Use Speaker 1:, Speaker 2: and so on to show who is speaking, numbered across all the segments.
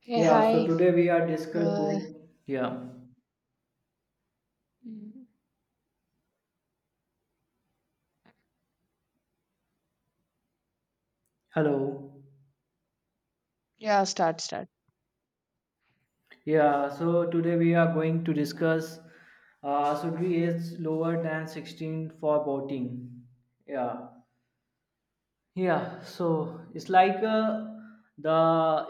Speaker 1: Hey,
Speaker 2: Yeah, so
Speaker 1: hi.
Speaker 2: today we are discuss
Speaker 1: Uh,
Speaker 2: going. Yeah,
Speaker 1: mm,
Speaker 2: hello.
Speaker 1: yeah, start.
Speaker 2: Yeah, so today we are going to discuss. Should be age lower than 16 for voting? Yeah. Yeah, so it's like the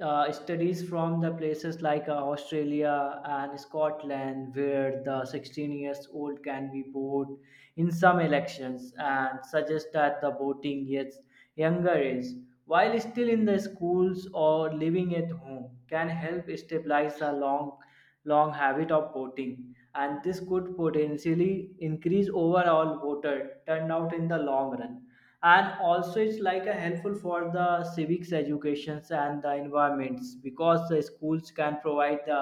Speaker 2: studies from the places like Australia and Scotland, where the 16 years old can be vote in some elections, and suggest that the voting gets younger age, while still in the schools or living at home, can help stabilize a long, long habit of voting, and this could potentially increase overall voter turnout in the long run. And also it's like a helpful for the civics educations and the environments, because the schools can provide the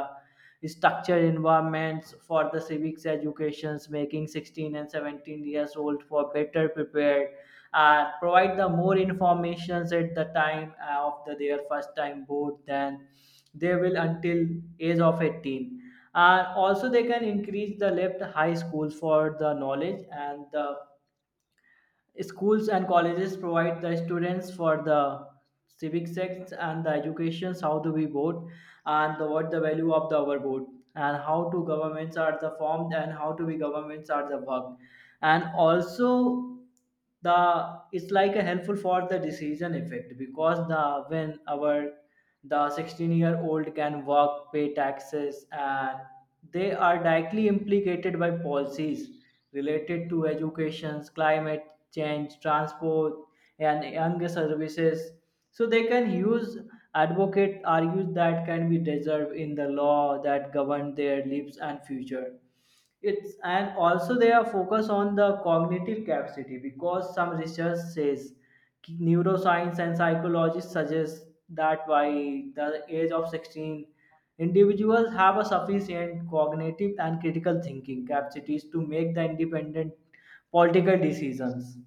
Speaker 2: structured environments for the civics educations, making 16 and 17 years old for better prepared and provide the more informations at the time of their first time vote than they will until age of 18. And also they can increase the left high school for the knowledge and the schools and colleges provide the students for the civic sects and the educations how do we vote, and what the value of the our vote, and how to governments are the formed, and how to be governments are the work. And also the it's like a helpful for the decision effect because the when our the 16-year-old can work, pay taxes, and they are directly implicated by policies related to education, climate change, transport, and younger services. So they can use advocate argues that can be deserved in the law that govern their lives and future. It's And also they are focused on the cognitive capacity because some research says neuroscience and psychologists suggest that by the age of 16 individuals have a sufficient cognitive and critical thinking capacities to make the independent political decisions.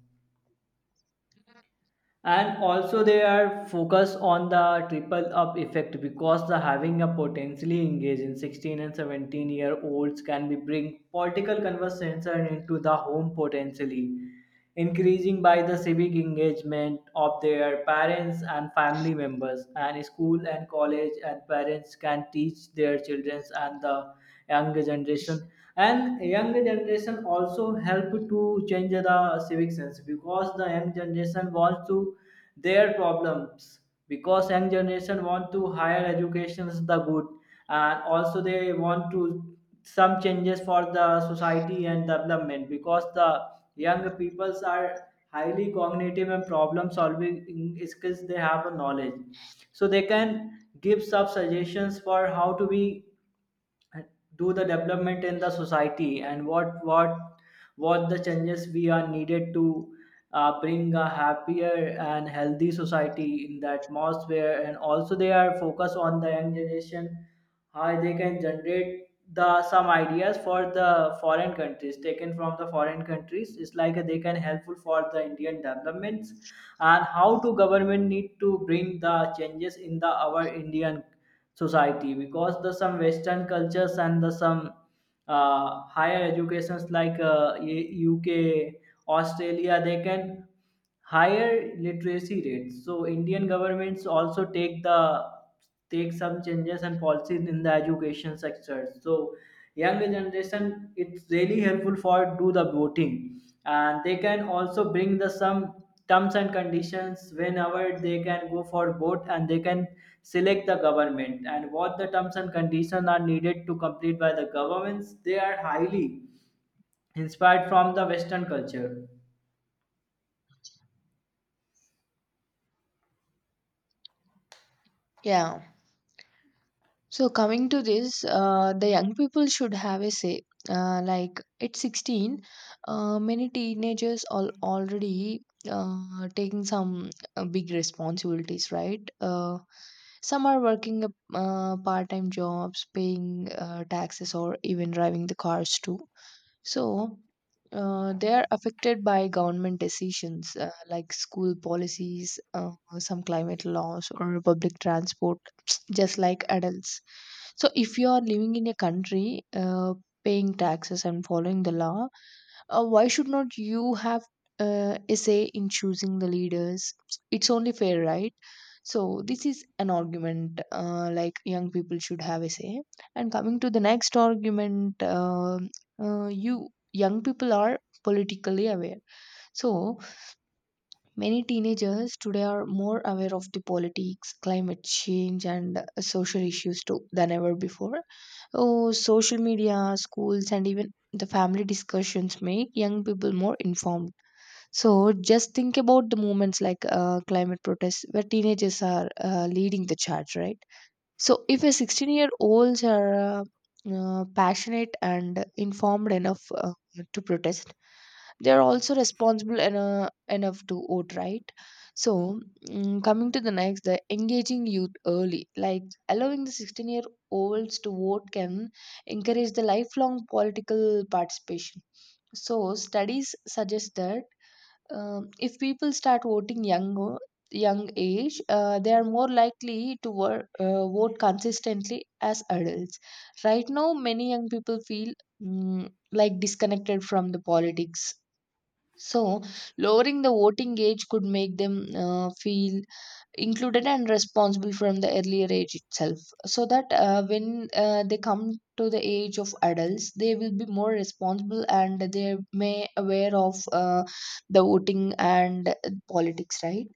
Speaker 2: And also they are focused on the triple up effect, because the having a potentially engaged in 16 and 17 year olds can be bring political conversation into the home, potentially increasing by the civic engagement of their parents and family members and school and college, and parents can teach their children and the younger generation. And younger generation also help to change the civic sense because the young generation wants to their problems, because young generation want to higher educations the good. And also they want to some changes for the society and development, because the young peoples are highly cognitive and problem solving skills, they have a knowledge, so they can give some suggestions for how to be do the development in the society, and what the changes we are needed to bring a happier and healthy society in the atmosphere. And also they are focused on the young generation, how they can generate the some ideas for the foreign countries taken from the foreign countries. It's like they can helpful for the Indian developments, and how to government need to bring the changes in the our Indian society, because the some western cultures and the some higher educations like UK, Australia, they can higher literacy rates. So Indian governments also take the take some changes and policies in the education sector. So younger generation it's really helpful for do the voting, and they can also bring the some terms and conditions whenever they can go for vote, and they can select the government, and what the terms and conditions are needed to complete by the governments. They are highly inspired from the western culture.
Speaker 1: Yeah. So coming to this, the young people should have a say. Like at 16, many teenagers are already taking some big responsibilities, right? Some are working part-time jobs, paying taxes, or even driving the cars too. So they are affected by government decisions like school policies, some climate laws, or public transport, just like adults. So if you are living in a country paying taxes and following the law, why should not you have a say in choosing the leaders? It's only fair, right? So this is an argument like young people should have a say. And coming to the next argument, young people are politically aware. So many teenagers today are more aware of the politics, climate change, and social issues too than ever before. Oh, social media, schools, and even the family discussions make young people more informed. So, just think about the movements like climate protests where teenagers are leading the charge, right? So, if a 16-year-olds are passionate and informed enough to protest, they are also responsible enough to vote, right? So, coming to the next, the engaging youth early, like allowing the 16-year-olds to vote can encourage the lifelong political participation. So studies suggest that um, if people start voting young age, they are more likely to vote consistently as adults. Right now many young people feel mm, like disconnected from the politics. So, lowering the voting age could make them feel included and responsible from the earlier age itself, so that when they come to the age of adults, they will be more responsible and they may aware of the voting and politics, right?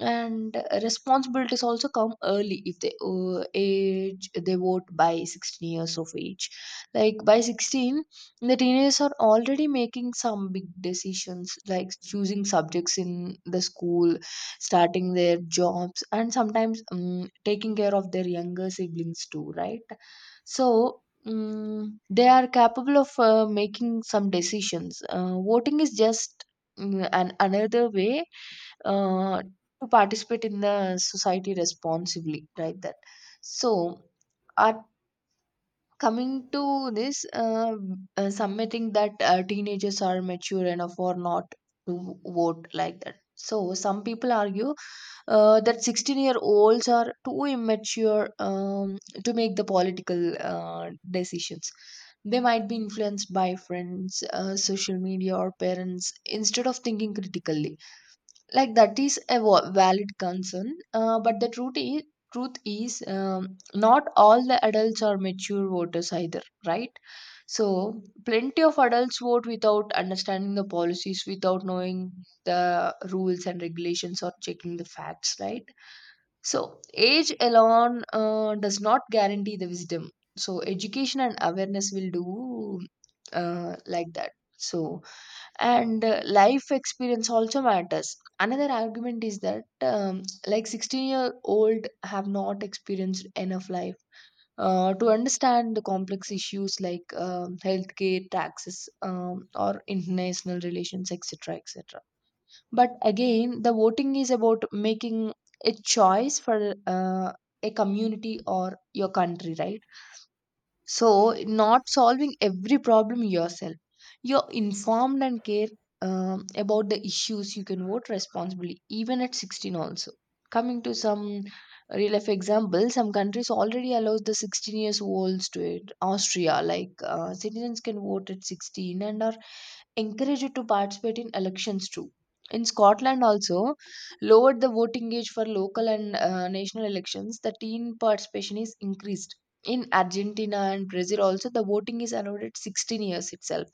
Speaker 1: And responsibilities also come early if they age they vote by 16 years of age. Like by 16, the teenagers are already making some big decisions like choosing subjects in the school, starting their jobs, and sometimes taking care of their younger siblings too, right? So they are capable of making some decisions. Voting is just an another way uh, to participate in the society responsibly, right that So, at coming to this, submitting that teenagers are mature enough or not to vote, like that. So some people argue that 16-year-olds are too immature to make the political decisions. They might be influenced by friends, social media, or parents instead of thinking critically. Like that is a valid concern, but the truth is not all the adults are mature voters either, right? So plenty of adults vote without understanding the policies, without knowing the rules and regulations, or checking the facts, right? So age alone does not guarantee the wisdom. So education and awareness will do, like that. So and life experience also matters. Another argument is that like 16-year-old have not experienced enough life to understand the complex issues like healthcare, taxes, or international relations, etc., etc. But again, the voting is about making a choice for a community or your country, right? So, not solving every problem yourself. You're informed and care about the issues. You can vote responsibly, even at 16 also. Coming to some real life examples, some countries already allows the 16 years olds to it. Austria, like citizens can vote at 16 and are encouraged to participate in elections too. In Scotland, also lowered the voting age for local and national elections, the teen participation is increased. In Argentina and Brazil, also the voting is allowed at 16 years itself.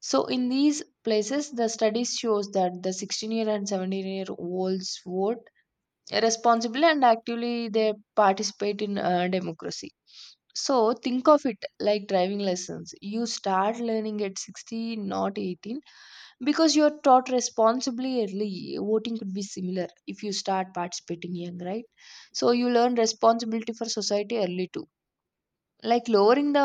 Speaker 1: So, in these places, the studies shows that the 16 year and 17-year-olds vote responsibly and actively they participate in democracy. So think of it like driving lessons. You start learning at 16, not 18, because you're taught responsibly early, voting could be similar if you start participating young, right? So you learn responsibility for society early too. Like lowering the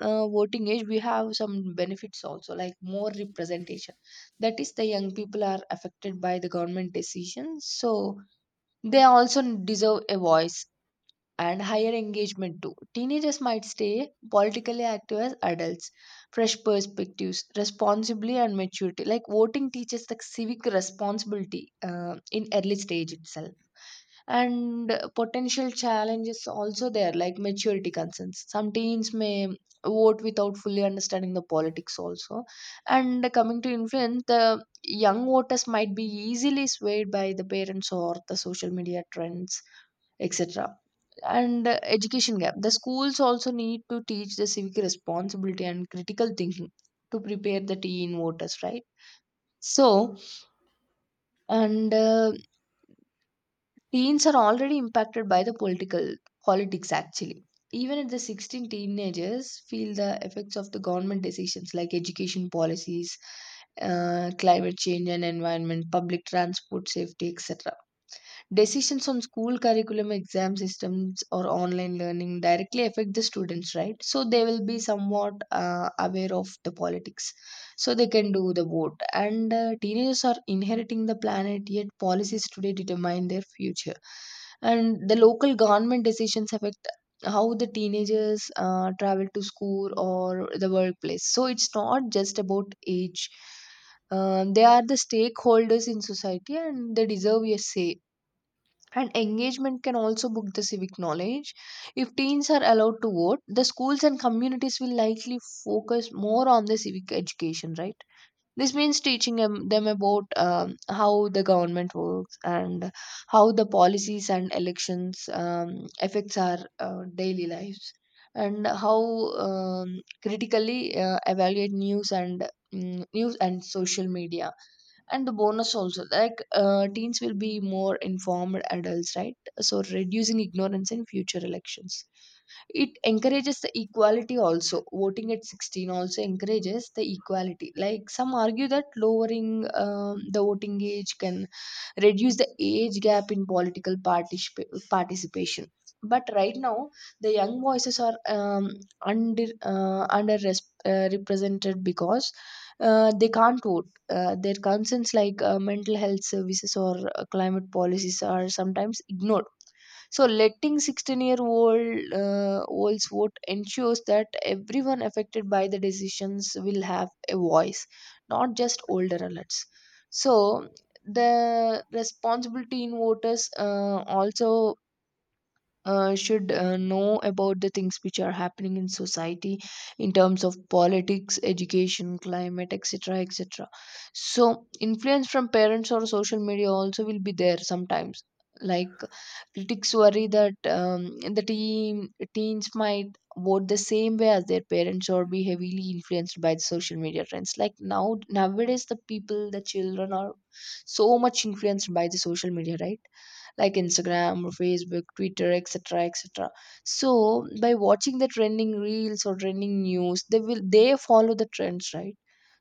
Speaker 1: voting age, we have some benefits also, like more representation. That is, the young people are affected by the government decisions, so they also deserve a voice, and higher engagement too. Teenagers might stay politically active as adults, fresh perspectives, responsibly and maturity. Like voting teaches the civic responsibility in early stage itself. And potential challenges also there, like maturity concerns. Some teens may vote without fully understanding the politics also. And coming to influence, the young voters might be easily swayed by the parents or the social media trends, etc. And education gap, the schools also need to teach the civic responsibility and critical thinking to prepare the teen voters, right? So and teens are already impacted by the political politics actually. Even at the 16, teenagers feel the effects of the government decisions like education policies, climate change and environment, public transport safety, etc. Decisions on school curriculum, exam systems, or online learning directly affect the students, right? So they will be somewhat aware of the politics. So they can do the vote. And teenagers are inheriting the planet, yet policies today determine their future. And the local government decisions affect how the teenagers travel to school or the workplace. So it's not just about age. They are the stakeholders in society and they deserve a say, and engagement can also book the civic knowledge. If teens are allowed to vote, the schools and communities will likely focus more on the civic education, right? This means teaching them about how the government works, and how the policies and elections affects our daily lives, and how critically evaluate news and social media. And the bonus also, like teens will be more informed adults, right? So reducing ignorance in future elections. It encourages the equality also. Voting at 16 also encourages the equality. Like some argue that lowering the voting age can reduce the age gap in political participation. But right now, the young voices are represented because they can't vote. Their concerns like mental health services or climate policies are sometimes ignored. So letting 16 year olds vote ensures that everyone affected by the decisions will have a voice, not just older adults. So the responsibility in voters also should know about the things which are happening in society, in terms of politics, education, climate, etc., etc. So influence from parents or social media also will be there sometimes. Like critics worry that teens might vote the same way as their parents or be heavily influenced by the social media trends. Like nowadays the children are so much influenced by the social media, right? Like Instagram or Facebook, Twitter, etc., etc. So by watching the trending reels or trending news, they follow the trends, right?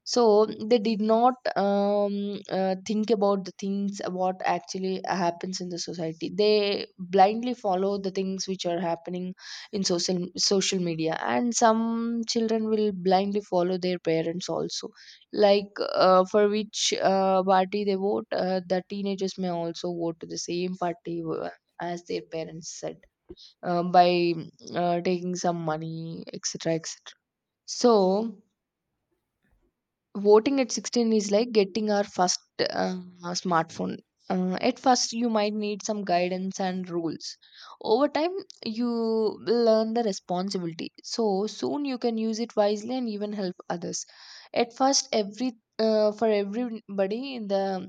Speaker 1: So they did not think about the things what actually happens in the society. They blindly follow the things which are happening in social media, and some children will blindly follow their parents also, like for which party they vote. The teenagers may also vote to the same party as their parents said, by taking some money, etc., etc. So voting at 16 is like getting our first smartphone. At first you might need some guidance and rules. Over time you will learn the responsibility, so soon you can use it wisely and even help others. At first, every for everybody, the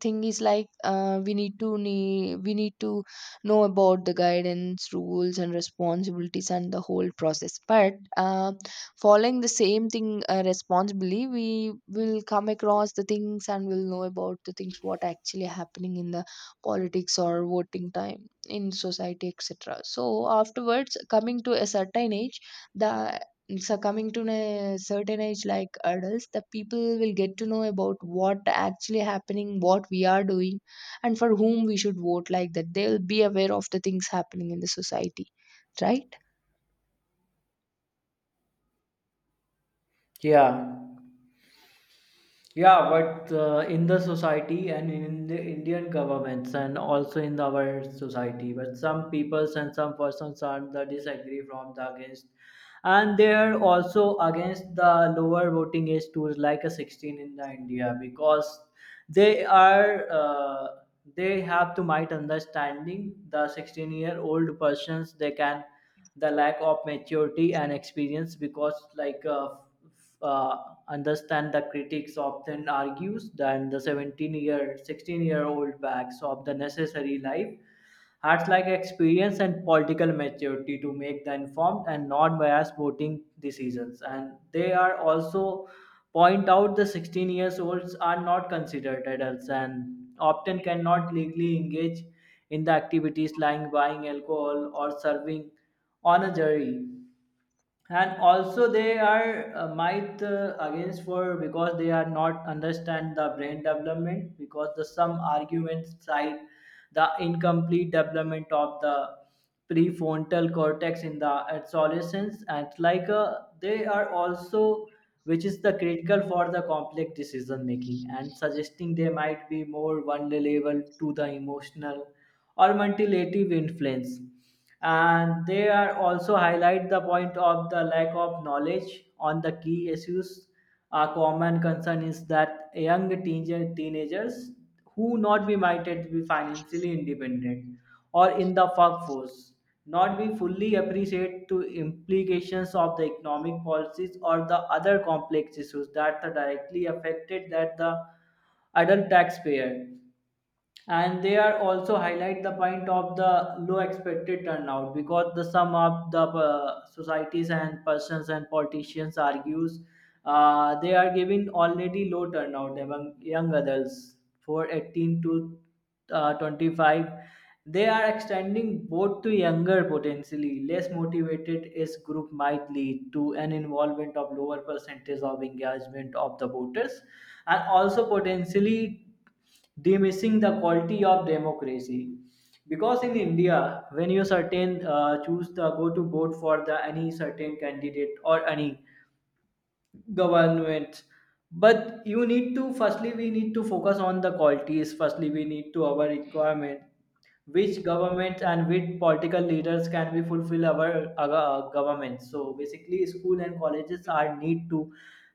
Speaker 1: thing is like we need to know about the guidance, rules and responsibilities, and the whole process. But following the same thing responsibly, we will come across the things and will know about the things what actually happening in the politics or voting time in society, etc. So afterwards coming to a certain age, the so coming to a certain age like adults, the people will get to know about what actually happening, what we are doing, and for whom we should vote, like that. They'll be aware of the things happening in the society, right?
Speaker 2: Yeah. Yeah, but in the society and in the Indian governments and also in our society, but some peoples and some persons are the disagree from the against, and they are also against the lower voting age to like a 16 in the India, because they are uh, they have to might understanding the 16 year old persons they can the lack of maturity and experience. Because like uh, understand the critics often argues that the 17 year 16-year-old backs of the necessary life acts like experience and political maturity to make the informed and non-biased voting decisions. And they are also point out the 16 years olds are not considered adults and often cannot legally engage in the activities like buying alcohol or serving on a jury. And also they are might against for, because they are not understand the brain development, because the some arguments cite the incomplete development of the prefrontal cortex in the adolescence, and like they are also which is the critical for the complex decision making and suggesting they might be more vulnerable to the emotional or manipulative influence. And they are also highlight the point of the lack of knowledge on the key issues. A common concern is that young teenagers who not be minded to be financially independent or in the workforce, not be fully appreciate to implications of the economic policies or the other complex issues that are directly affected that the adult taxpayer. And they are also highlight the point of the low expected turnout, because the sum of the societies and persons and politicians argues they are giving already low turnout among young adults for 18 to 25. They are extending both to younger potentially less motivated is group might lead to an involvement of lower percentage of engagement of the voters, and also potentially diminishing the quality of democracy. Because in India, when you certain choose the go to vote for the any certain candidate or any government, but you need to firstly we need to focus on the qualities, firstly we need to our requirement, which governments and which political leaders can we fulfill our government. So basically school and colleges are need to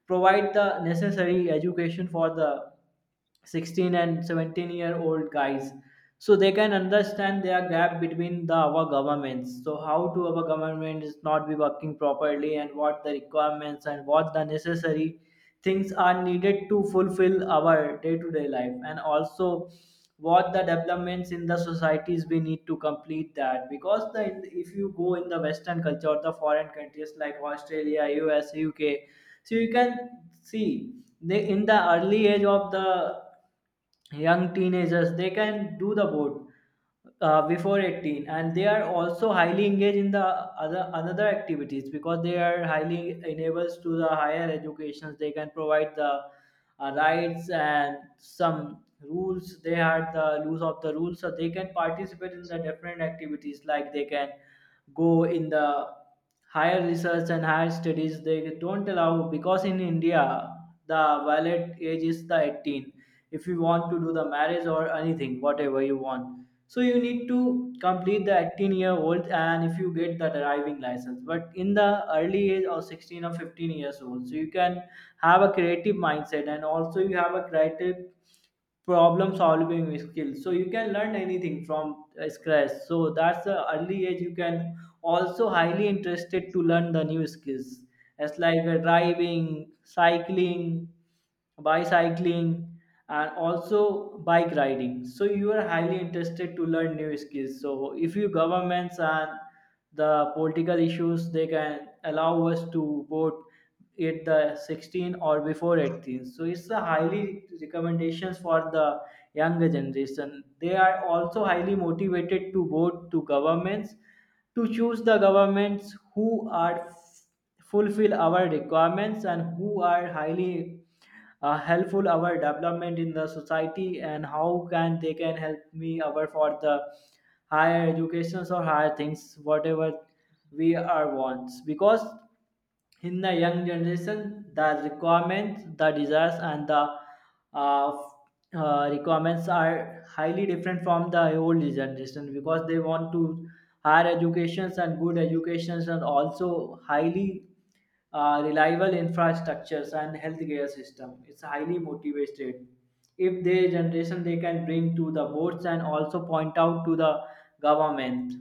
Speaker 2: provide the necessary education for the 16 and 17 year old guys, so they can understand their gap between the our governments. So how to our government is not be working properly, and what the requirements and what the necessary things are needed to fulfill our day to day life. And also what the developments in the societies we need to complete that, because the if you go in the western culture or the foreign countries like Australia, US, UK, so you can see they in the early age of the young teenagers they can do the boat before 18. And they are also highly engaged in the other another activities, because they are highly enables to the higher educations. They can provide the rights and some rules, they had the loose of the rules, so they can participate in the different activities, like they can go in the higher research and higher studies, they don't allow, because in India the valid age is the 18. If you want to do the marriage or anything whatever you want, so you need to complete the 18-year old, and if you get the driving license, but in the early age of 16 or 15 years old, so you can have a creative mindset, and also you have a creative problem solving skill, so you can learn anything from scratch. So that's the early age you can also highly interested to learn the new skills, as like driving, cycling, bicycling, and also bike riding. So you are highly interested to learn new skills. So if you governments and the political issues they can allow us to vote at the 16 or before 18, so it's a highly recommendations for the younger generation. They are also highly motivated to vote to governments, to choose the governments who are fulfill our requirements, and who are highly helpful our development in the society, and how can they can help me our for the higher educations or higher things whatever we are wants. Because in the young generation the requirements, the desires, and the uh, requirements are highly different from the old generation, because they want to higher educations and good educations, and also highly reliable infrastructures and healthcare system. It's highly motivated if their generation they can bring to the boards and also point out to the government.